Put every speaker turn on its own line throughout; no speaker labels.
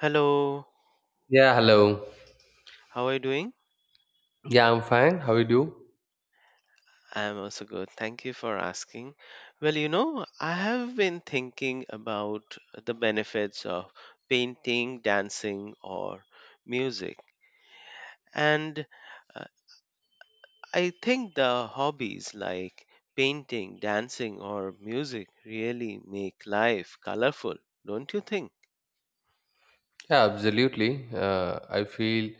Hello,
Yeah, hello.
how are you doing?
Yeah, I'm fine. How you do?
I'm also good. Thank you for asking. Well, you know, I have been thinking about the benefits of painting, dancing, or music. And uh, I think the hobbies like painting, dancing, or music really make life colorful, don't you think?
Yeah, absolutely. I feel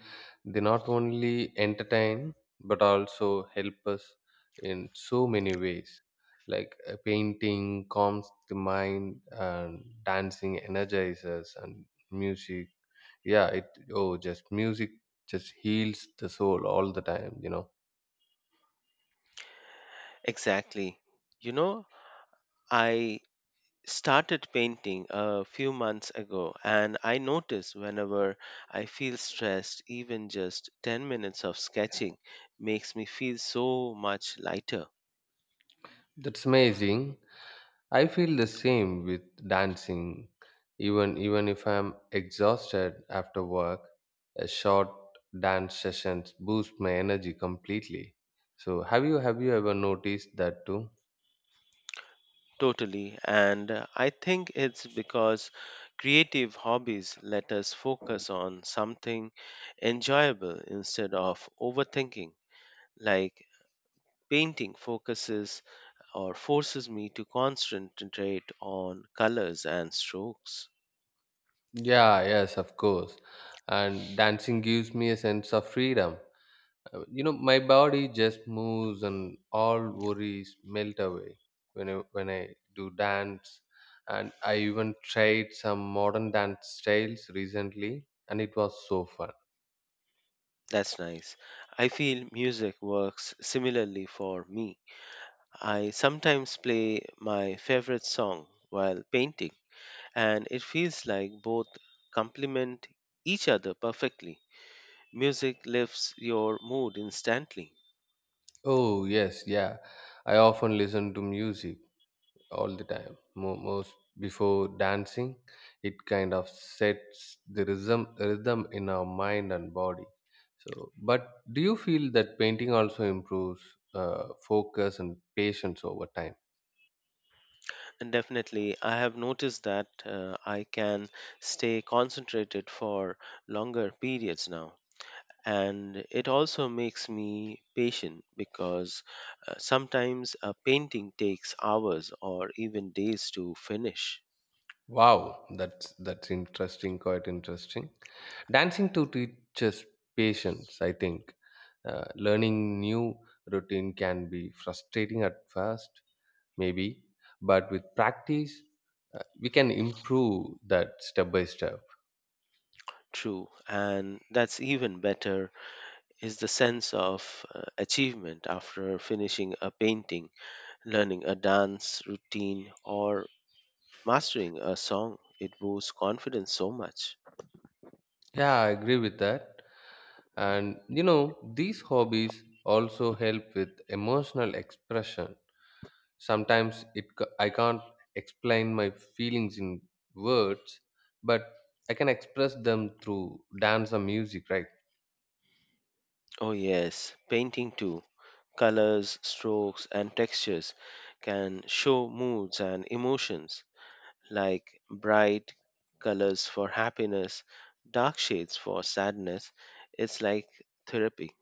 they not only entertain but also help us in so many ways. Like painting calms the mind, and dancing energizes, and music. Yeah, it just heals the soul all the time. You know,
Exactly. You know, I started painting a few months ago and I notice whenever I feel stressed, even just 10 minutes of sketching makes me feel so much lighter.
that's amazing. I feel the same with dancing. Even if I'm exhausted after work, a short dance sessions boost my energy completely. So have you ever noticed that too?
Totally. And I think it's because creative hobbies let us focus on something enjoyable instead of overthinking. Like painting focuses or forces me to concentrate on colors and strokes.
Yeah, yes, of course. And dancing gives me a sense of freedom. You know my body just moves and all worries melt away when I do dance, and I even tried some modern dance styles recently, and it was so fun.
That's nice. I feel music works similarly for me. I sometimes play my favorite song while painting, and it feels like both complement each other perfectly. Music lifts your mood instantly.
Oh yes, yeah, I often listen to music all the time, most before dancing. It kind of sets the rhythm in our mind and body. So but do you feel that painting also improves focus and patience over time?
And definitely, I have noticed that I can stay concentrated for longer periods now. And it also makes me patient because sometimes a painting takes hours or even days to finish.
Wow, that's interesting, quite interesting. Dancing to teaches patience, I think. Learning new routine can be frustrating at first, maybe, but with practice, we can improve that step by step.
True, and that's even better is the sense of achievement after finishing a painting, learning a dance routine, or mastering a song. It boosts confidence so much.
Yeah, I agree with that. And you know, these hobbies also help with emotional expression. Sometimes I can't explain my feelings in words, but I can express them through dance or music, right?
Oh yes, painting too. Colors, strokes, and textures can show moods and emotions, like bright colors for happiness, dark shades for sadness. It's like therapy.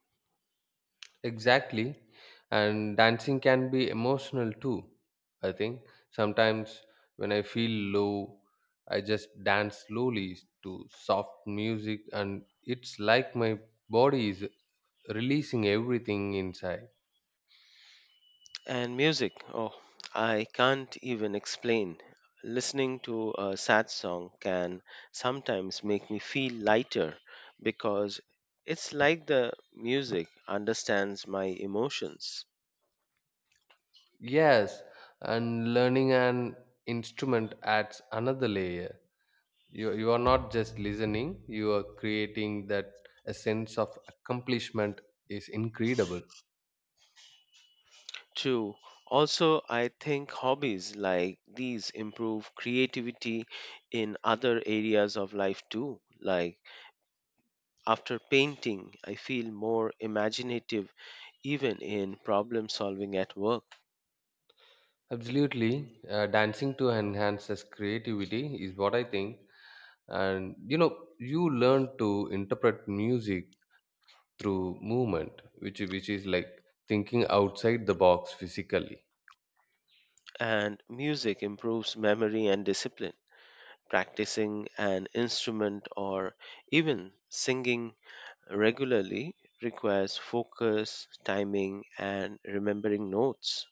Exactly. And dancing can be emotional too, I think. Sometimes when I feel low, I just dance slowly to soft music, and it's like my body is releasing everything inside.
And music, oh, I can't even explain. Listening to a sad song can sometimes make me feel lighter because it's like the music understands my emotions.
Yes, and learning an instrument adds another layer. You are not just listening, you are creating that. A sense of accomplishment is incredible.
True. Also, I think hobbies like these improve creativity in other areas of life too. Like, after painting, I feel more imaginative even in problem solving at work.
Absolutely. Dancing to enhances creativity is what I think. And you know, you learn to interpret music through movement, which is like thinking outside the box physically.
And music improves memory and discipline. Practicing an instrument or even singing regularly requires focus, timing, and remembering notes.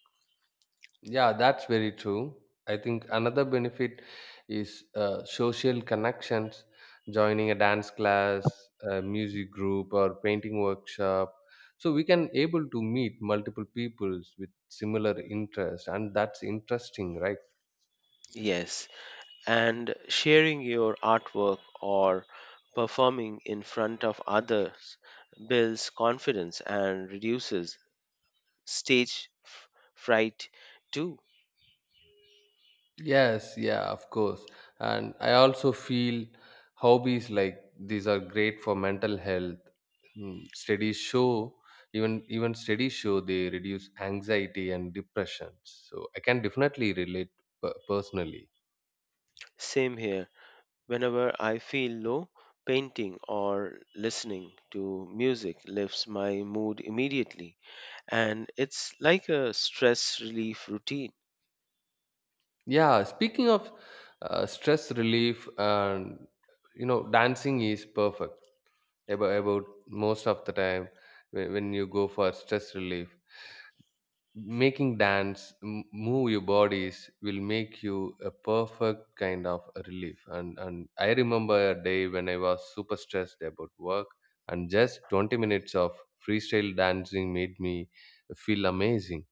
Yeah, that's very true. I think another benefit is social connections. Joining a dance class, a music group, or painting workshop, so we can able to meet multiple peoples with similar interests, and that's interesting, right?
Yes, and sharing your artwork or performing in front of others builds confidence and reduces stage f- fright too.
Yes, yeah, of course. And I also feel hobbies like these are great for mental health. Mm, studies show, even studies show they reduce anxiety and depression. So I can definitely relate personally.
Same here. Whenever I feel low, painting or listening to music lifts my mood immediately, and it's like a stress relief routine.
Yeah, speaking of stress relief, and you know, dancing is perfect about most of the time when you go for stress relief. Making move your bodies will make you a perfect kind of a relief, and I remember a day when I was super stressed about work, and just 20 minutes of freestyle dancing made me feel amazing.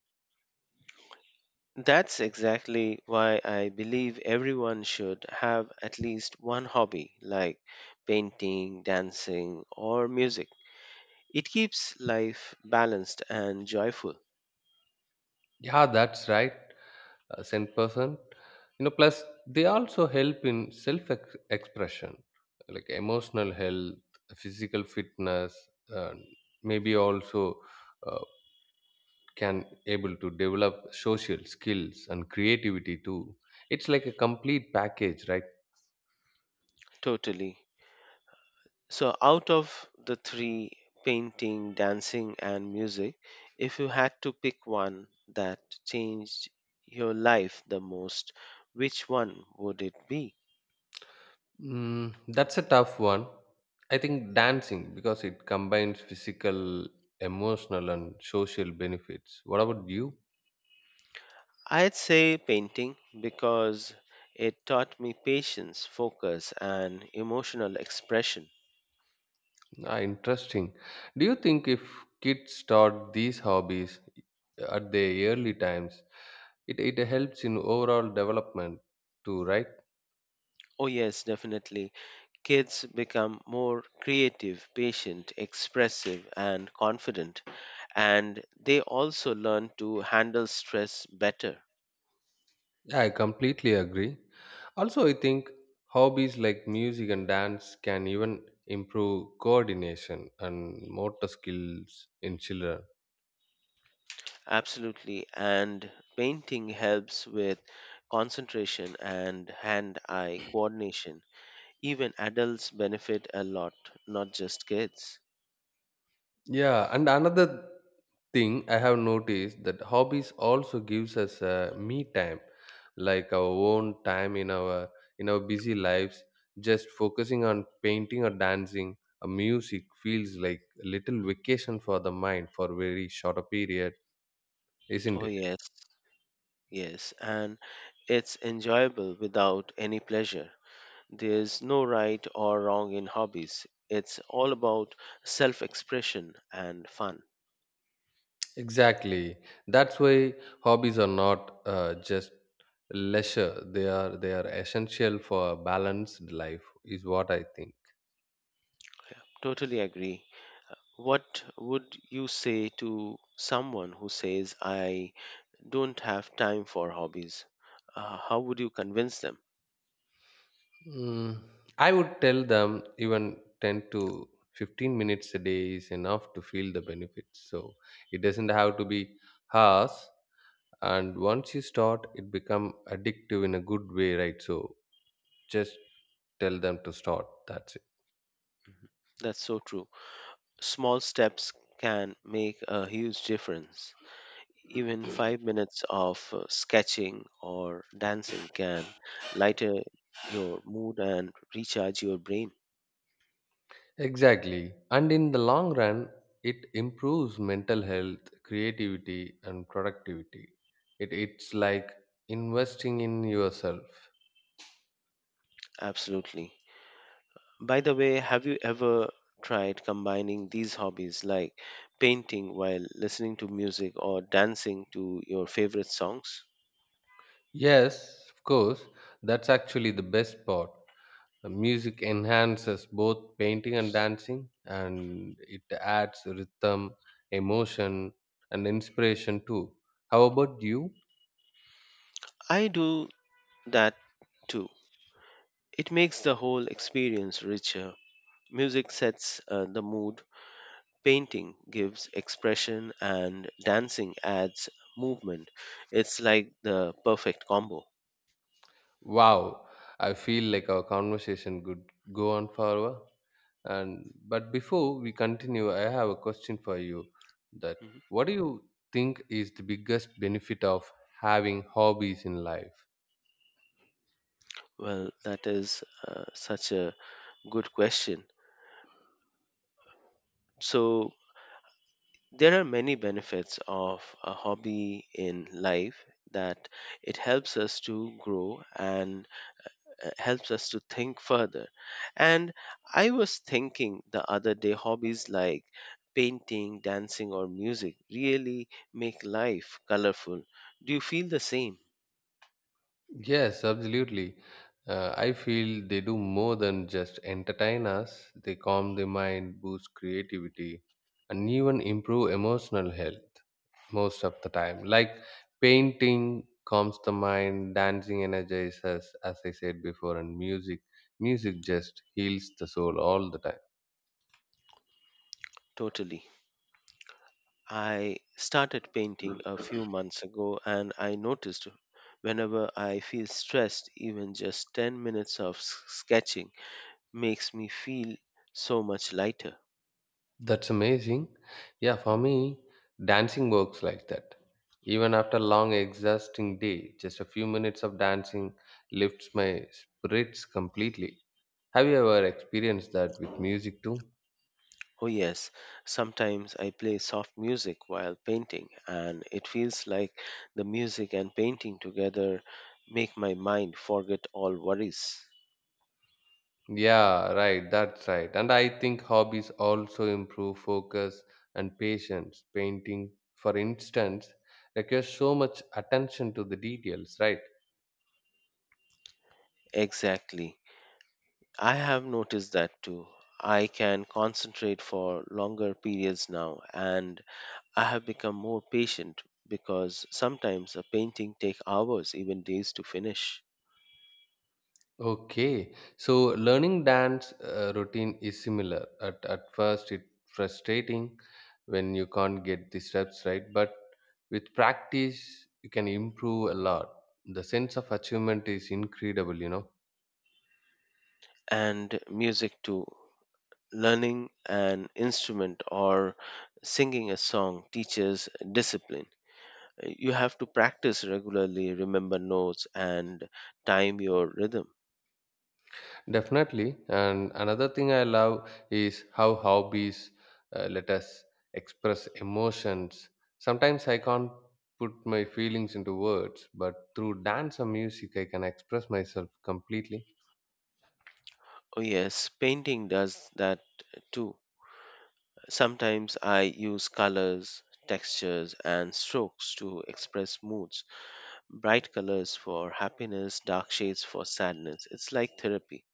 That's exactly why I believe everyone should have at least one hobby like painting, dancing, or music. It keeps life balanced and joyful.
Yeah, that's right. Sent person, you know, plus they also help in self expression, like emotional health, physical fitness, and maybe also uh, can able to develop social skills and creativity too. It's like a complete package, right?
Totally. So, out of the three, painting, dancing, and music, if you had to pick one that changed your life the most, which one would it be?
Mm, that's a tough one. I think dancing, because it combines physical, emotional and social benefits. What about you?
I'd say painting because it taught me patience, focus, and emotional expression.
Ah, interesting. Do you think if kids start these hobbies at their early times, it helps in overall development too, right?
Oh, yes, definitely. Kids become more creative, patient, expressive, and confident, and they also learn to handle stress better.
I completely agree. Also, I think hobbies like music and dance can even improve coordination and motor skills in children.
Absolutely. And painting helps with concentration and hand eye coordination. Even adults benefit a lot, not just kids.
Yeah, and another thing I have noticed that hobbies also gives us a me time, like our own time in our busy lives. Just focusing on painting or dancing or music feels like a little vacation for the mind for very short a period, isn't
Oh,
it?
yes, yes. And it's enjoyable without any pleasure. There's no right or wrong in hobbies. It's all about self expression and fun.
Exactly. That's why hobbies are not just leisure. They are essential for a balanced life, is what I think.
Totally agree. What would you say to someone who says, I don't have time for hobbies. How would you convince them?
Mm, I would tell them even 10 to 15 minutes a day is enough to feel the benefits. So it doesn't have to be harsh. And once you start, it become addictive in a good way, right? So just tell them to start. That's it.
Mhm. That's so true. Small steps can make a huge difference. Even 5 minutes of sketching or dancing can lighten your mood and recharge your brain.
Exactly. And in the long run, it improves mental health, creativity, and productivity. It's like investing in yourself.
Absolutely. By the way, have you ever tried combining these hobbies, like painting while listening to music or dancing to your favorite songs?
Yes, of course, that's actually the best part. Music enhances both painting and dancing, and it adds rhythm, emotion, and inspiration too. How about you?
I do that too. It makes the whole experience richer. Music sets the mood, painting gives expression, and dancing adds movement. It's like the perfect combo.
Wow, I feel like our conversation could go on forever. And but before we continue, I have a question for you. That
Mhm.
what do you think is the biggest benefit of having hobbies in life?
Well, that is such a good question. So, there are many benefits of a hobby in life, that it helps us to grow and helps us to think further. And I was thinking the other day, hobbies like painting, dancing, or music really make life colorful. Do you feel the same?
Yes, absolutely. I feel they do more than just entertain us. They calm the mind, boost creativity, and even improve emotional health. Most of the time, like painting calms the mind, dancing energizes, as I said before, and music, music just heals the soul all the time.
Totally. I started painting a few months ago and I noticed whenever I feel stressed, even just 10 minutes of sketching makes me feel so much lighter.
That's amazing. Yeah, for me, dancing works like that. Even after long exhausting day, just a few minutes of dancing lifts my spirits completely. Have you ever experienced that with music too?
Oh, yes. Sometimes I play soft music while painting, and it feels like the music and painting together make my mind forget all worries.
Yeah, right. That's right. And I think hobbies also improve focus and patience. Painting, for instance, requires so much attention to the details, right?
Exactly. I have noticed that too. I can concentrate for longer periods now, and I have become more patient because sometimes a painting takes hours, even days to finish.
Okay, so learning dance routine is similar. At first, it's frustrating when you can't get the steps right, but with practice, you can improve a lot. The sense of achievement is incredible, you know.
And music too. Learning an instrument or singing a song teaches discipline. You have to practice regularly, remember notes, and time your rhythm.
Definitely. And another thing I love is how hobbies let us express emotions. Sometimes I can't put my feelings into words, but through dance or music, I can express myself completely.
Oh, yes, painting does that too. Sometimes I use colors, textures, and strokes to express moods. Bright colors for happiness, dark shades for sadness. It's like therapy.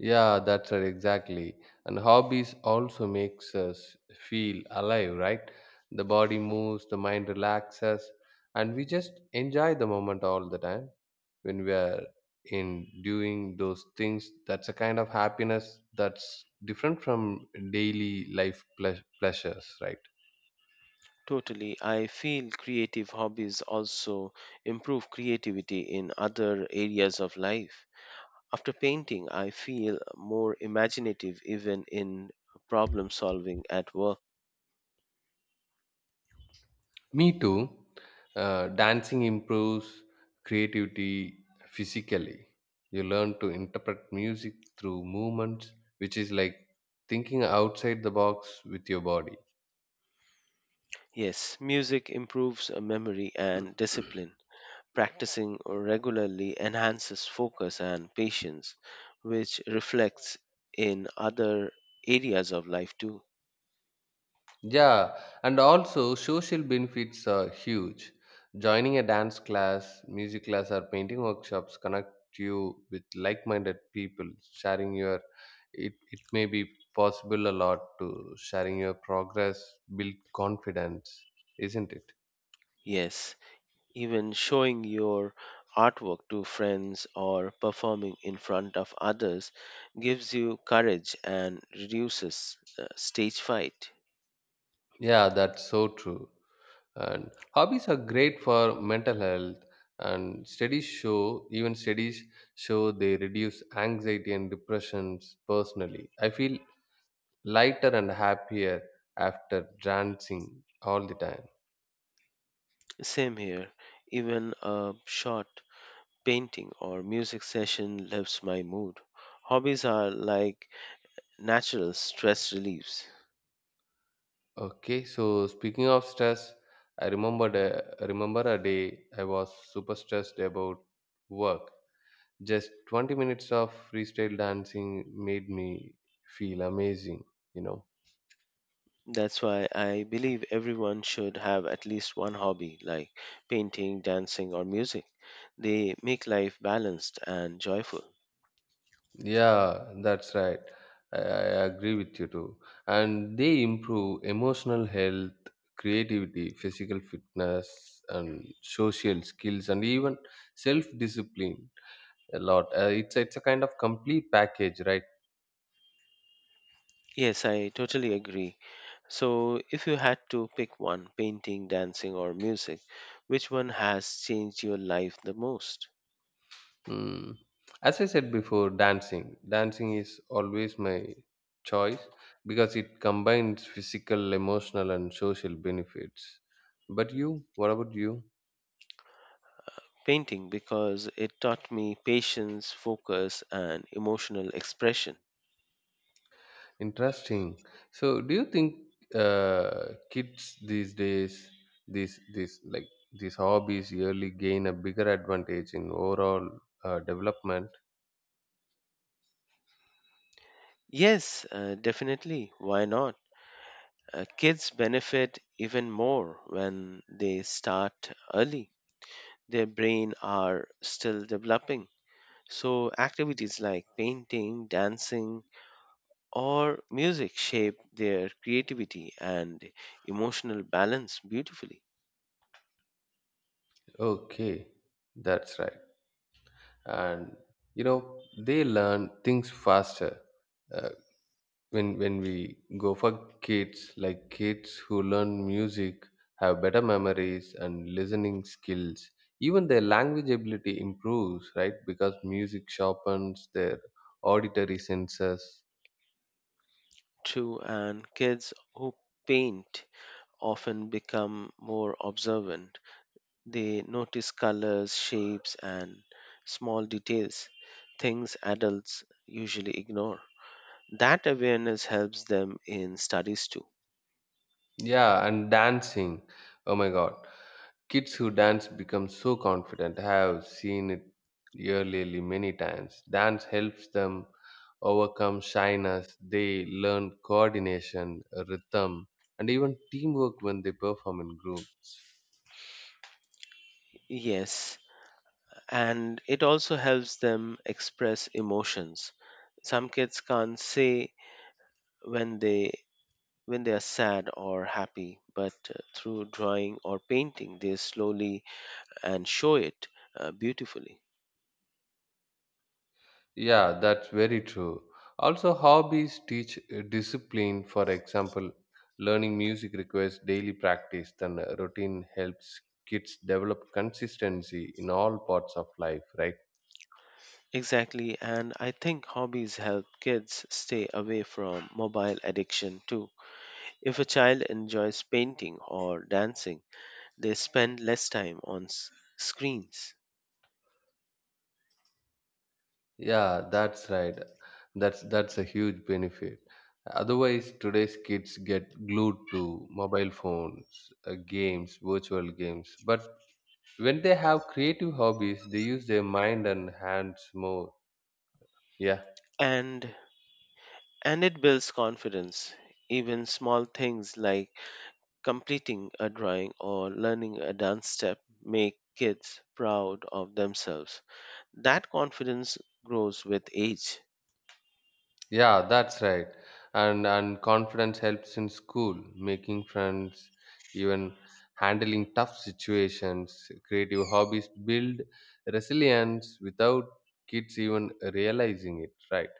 Yeah, that's right, exactly. And hobbies also makes us feel alive, right? The body moves, the mind relaxes, and we just enjoy the moment all the time when we are in doing those things. That's a kind of happiness that's different from daily life pleasures, right?
Totally. I feel creative hobbies also improve creativity in other areas of life. After painting, I feel more imaginative even in problem solving at work.
Me too. Dancing improves creativity physically. You learn to interpret music through movements, which is like thinking outside the box with your body.
Yes, music improves memory and discipline. Practicing regularly enhances focus and patience, which reflects in other areas of life too.
Yeah, and also social benefits are huge. Joining a dance class, music class, or painting workshops connect you with like-minded people. Sharing your, it may be possible a lot to sharing your progress, build confidence, isn't it?
Yes, even showing your artwork to friends or performing in front of others gives you courage and reduces stage fright.
Yeah, that's so true. And hobbies are great for mental health. And studies show, even studies show, they reduce anxiety and depressions. Personally, I feel lighter and happier after dancing all the time.
Same here, even a short painting or music session lifts my mood. Hobbies are like natural stress reliefs.
Okay, so speaking of stress, I remember a day I was super stressed about work. Just 20 minutes of freestyle dancing made me feel amazing, you know.
That's why I believe everyone should have at least one hobby like painting, dancing, or music. They make life balanced and joyful.
Yeah, that's right. I agree with you too. And they improve emotional health, creativity, physical fitness, and social skills, and even self discipline a lot. It's a kind of complete package, right?
Yes, I totally agree. So, if you had to pick one, painting, dancing, or music, which one has changed your life the most?
Mm. As I said before, dancing. Dancing is always my choice because it combines physical, emotional, and social benefits. But you, what about you?
Painting, because it taught me patience, focus, and emotional expression.
Interesting. So, do you think kids these days, these hobbies, yearly gain a bigger advantage in overall development?
Yes, definitely. Why not? Kids benefit even more when they start early. Their brain are still developing. So activities like painting, dancing, or music shape their creativity and emotional balance beautifully.
Okay, that's right. And you know, they learn things faster uh, when we go for kids, like kids who learn music have better memories and listening skills, even their language ability improves, right? Because music sharpens their auditory senses.
True, and kids who paint often become more observant. They notice colors, shapes, and small details, things adults usually ignore. That awareness helps them in studies too.
Yeah, and dancing, oh my god, kids who dance become so confident. I have seen it yearly many times. Dance helps them overcome shyness. They learn coordination, rhythm, and even teamwork when they perform in groups.
Yes, and it also helps them express emotions. Some kids can't say when they when they are sad or happy, but through drawing or painting, they slowly and show it beautifully.
Yeah, that's very true. Also, hobbies teach discipline. For example, learning music requires daily practice, then a routine helps kids develop consistency in all parts of life, right?
Exactly, and I think hobbies help kids stay away from mobile addiction too. If a child enjoys painting or dancing, they spend less time on screens.
Yeah, that's right. That's a huge benefit. Otherwise, today's kids get glued to mobile phones, games, virtual games. But when they have creative hobbies, they use their mind and hands more. Yeah,
And and it builds confidence. Even small things like completing a drawing or learning a dance step make kids proud of themselves. That confidence grows with age.
yeah, that's right. And confidence helps in school, making friends, even handling tough situations. Creative hobbies build resilience without kids even realizing it. Right.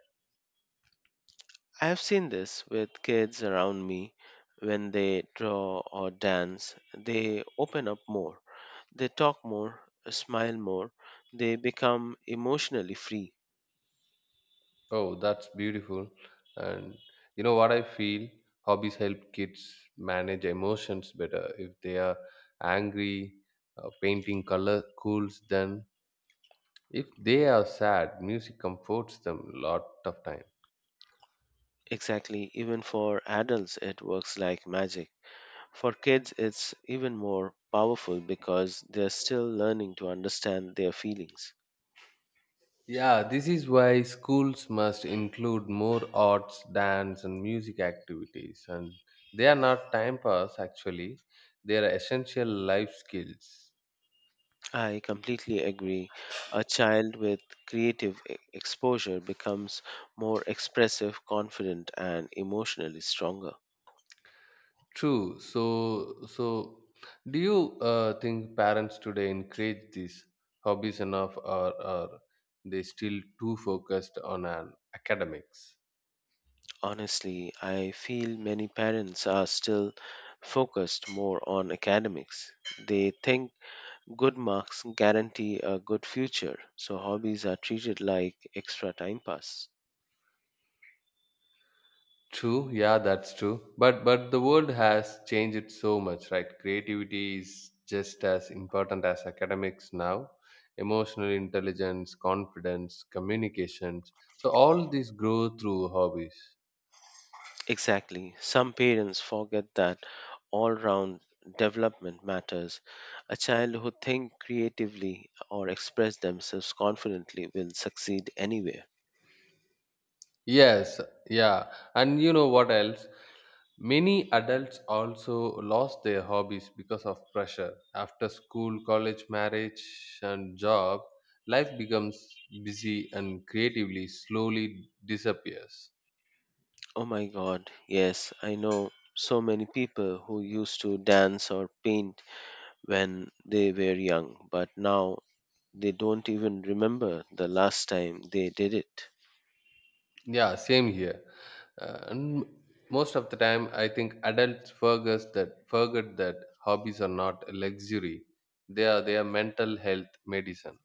I have seen this with kids around me. When they draw or dance, they open up more. They talk more, smile more. They become emotionally free.
Oh, that's beautiful. And you know what I feel? Hobbies help kids manage emotions better. If they are angry, painting color cools them. If they are sad, music comforts them a lot of time.
Exactly, even for adults, it works like magic. For kids, it's even more powerful because they're still learning to understand their feelings.
Yeah, this is why schools must include more arts, dance, and music activities. And they are not time pass, actually, they are essential life skills.
I completely agree. A child with creative exposure becomes more expressive, confident, and emotionally stronger.
True. So do you think parents today encourage these hobbies enough, or are they still too focused on an academics?
Honestly, I feel many parents are still focused more on academics. They think good marks guarantee a good future, so hobbies are treated like extra time pass.
True. Yeah, that's true. But the world has changed it so much, right? Creativity is just as important as academics now. Emotional intelligence, confidence, communications. So all these grow through hobbies.
Exactly. Some parents forget that all round development matters. A child who thinks creatively or express themselves confidently will succeed anywhere.
Yes, yeah. And you know what else? Many adults also lost their hobbies because of pressure. After school, college, marriage, and job, life becomes busy and creatively slowly disappears.
Oh my god, yes, I know so many people who used to dance or paint when they were young, but now they don't even remember the last time they did it.
Yeah, same here. And most of the time, I think adults forget that hobbies are not a luxury; they are their mental health medicine.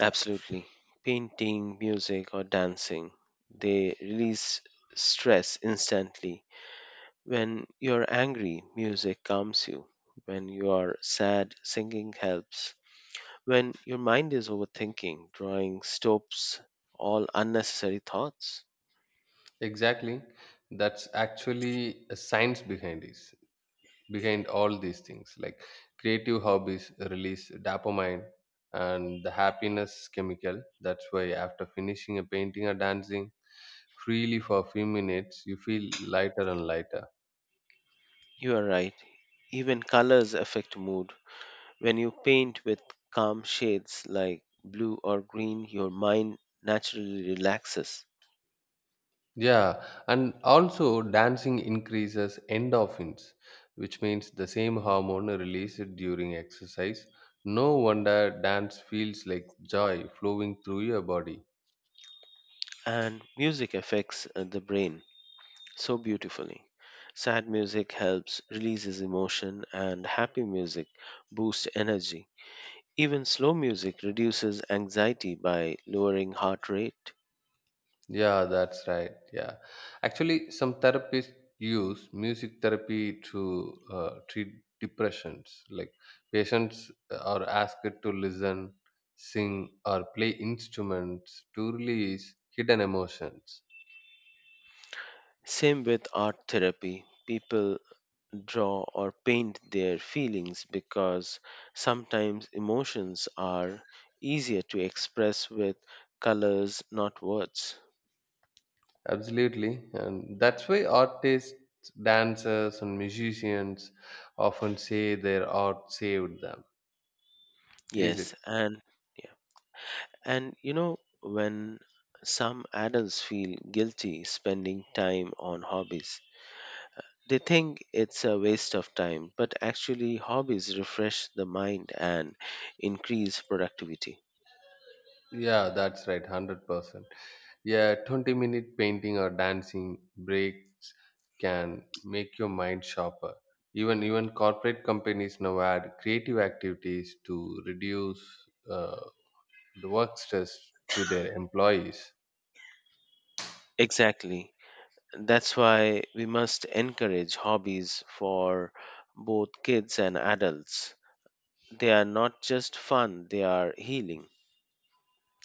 Absolutely. Painting, music, or dancing, they release stress instantly. When you're angry, music calms you. When you are sad, singing helps. When your mind is overthinking, drawing stops all unnecessary thoughts.
Exactly, that's actually a science behind this, behind all these things. Like creative hobbies release dopamine and the happiness chemical. That's why after finishing a painting or dancing freely for a few minutes, you feel lighter and lighter.
You are right. Even colors affect mood. When you paint with calm shades like blue or green, your mind naturally relaxes.
Yeah, and also dancing increases endorphins, which means the same hormone released during exercise. No wonder dance feels like joy flowing through your body.
And music affects the brain so beautifully. Sad music helps releases emotion and happy music boosts energy. Even slow music reduces anxiety by lowering heart rate.
Yeah, that's right. Yeah, actually, some therapists use music therapy to treat depressions. Like patients are asked to listen, sing, or play instruments to release hidden emotions.
Same with art therapy. People draw or paint their feelings because sometimes emotions are easier to express with colors, not words.
Absolutely, and that's why artists, dancers, and musicians often say their art saved them. Is
Yes,
it?
and yeah. And you know, when some adults feel guilty spending time on hobbies, they think it's a waste of time, but actually, hobbies refresh the mind and increase productivity.
Yeah, that's right, 100%. Yeah, 20 minute painting or dancing breaks can make your mind sharper. Even corporate companies now add creative activities to reduce uh, the work stress to their employees.
Exactly. That's why we must encourage hobbies for both kids and adults. They are not just fun, they are healing.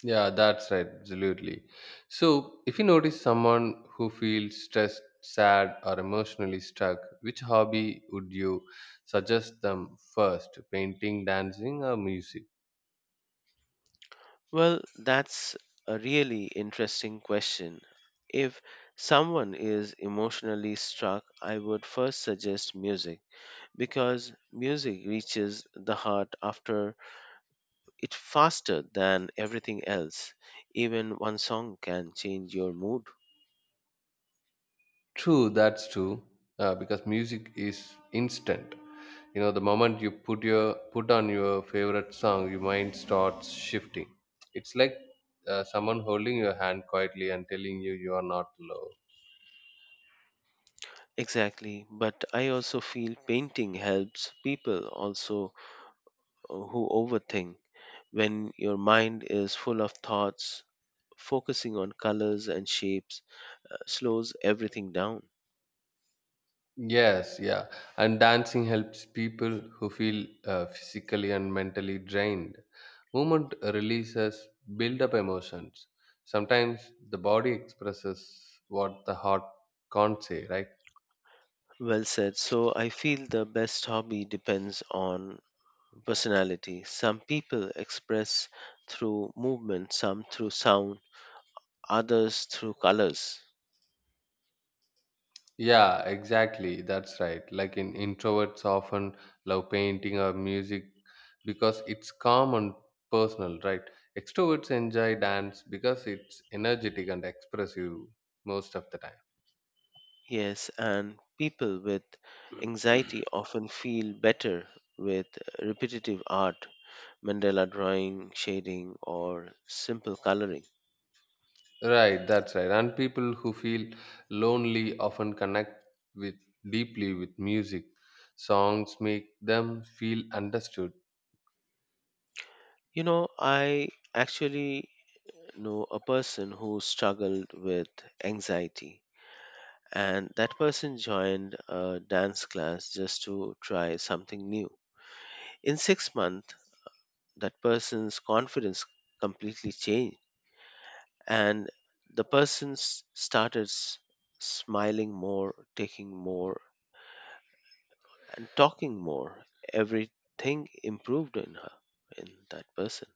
Yeah, that's right, absolutely. So, if you notice someone who feels stressed, sad, or emotionally stuck, which hobby would you suggest them first? Painting, dancing, or music?
Well, that's a really interesting question. If someone is emotionally struck, I would first suggest music because music reaches the heart after. It's faster than everything else. Even one song can change your mood.
True, that's true. Because music is instant. You know, the moment you put on your favorite song, your mind starts shifting. It's like someone holding your hand quietly and telling you you are not alone.
Exactly, but I also feel painting helps people also who overthink. When your mind is full of thoughts, focusing on colors and shapes slows everything down.
Yes, yeah. And dancing helps people who feel physically and mentally drained. Movement releases build up emotions. Sometimes the body expresses what the heart can't say, right?
Well said. So I feel the best hobby depends on personality. Some people express through movement, some through sound, others through colors.
Yeah, exactly. That's right. Like in introverts often love painting or music because it's calm and personal, right? Extroverts enjoy dance because it's energetic and expressive most of the time.
Yes, and people with anxiety often feel better with repetitive art, Mandela drawing, shading, or simple coloring.
Right, that's right. And people who feel lonely often connect with deeply with music. Songs make them feel understood.
You know, I actually know a person who struggled with anxiety, and that person joined a dance class just to try something new. In 6 months, that person's confidence completely changed and the person started smiling more, taking more, and talking more. Everything improved in her, in that person.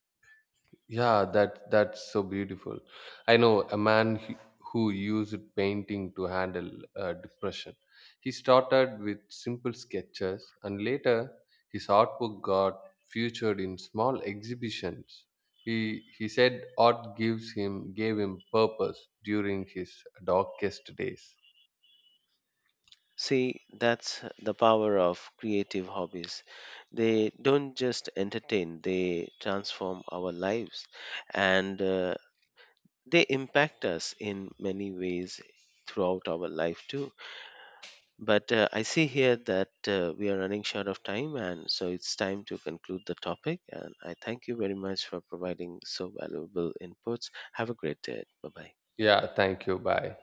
Yeah, that that's so beautiful. I know a man who used painting to handle depression. He started with simple sketches, and later his artwork got featured in small exhibitions. He said art gives him gave him purpose during his darkest days.
See, that's the power of creative hobbies. They don't just entertain, they transform our lives, and they impact us in many ways throughout our life too. But I see here that we are running short of time, and so it's time to conclude the topic. And I thank you very much for providing so valuable inputs. Have a great day. Bye bye.
Yeah, thank you. Bye.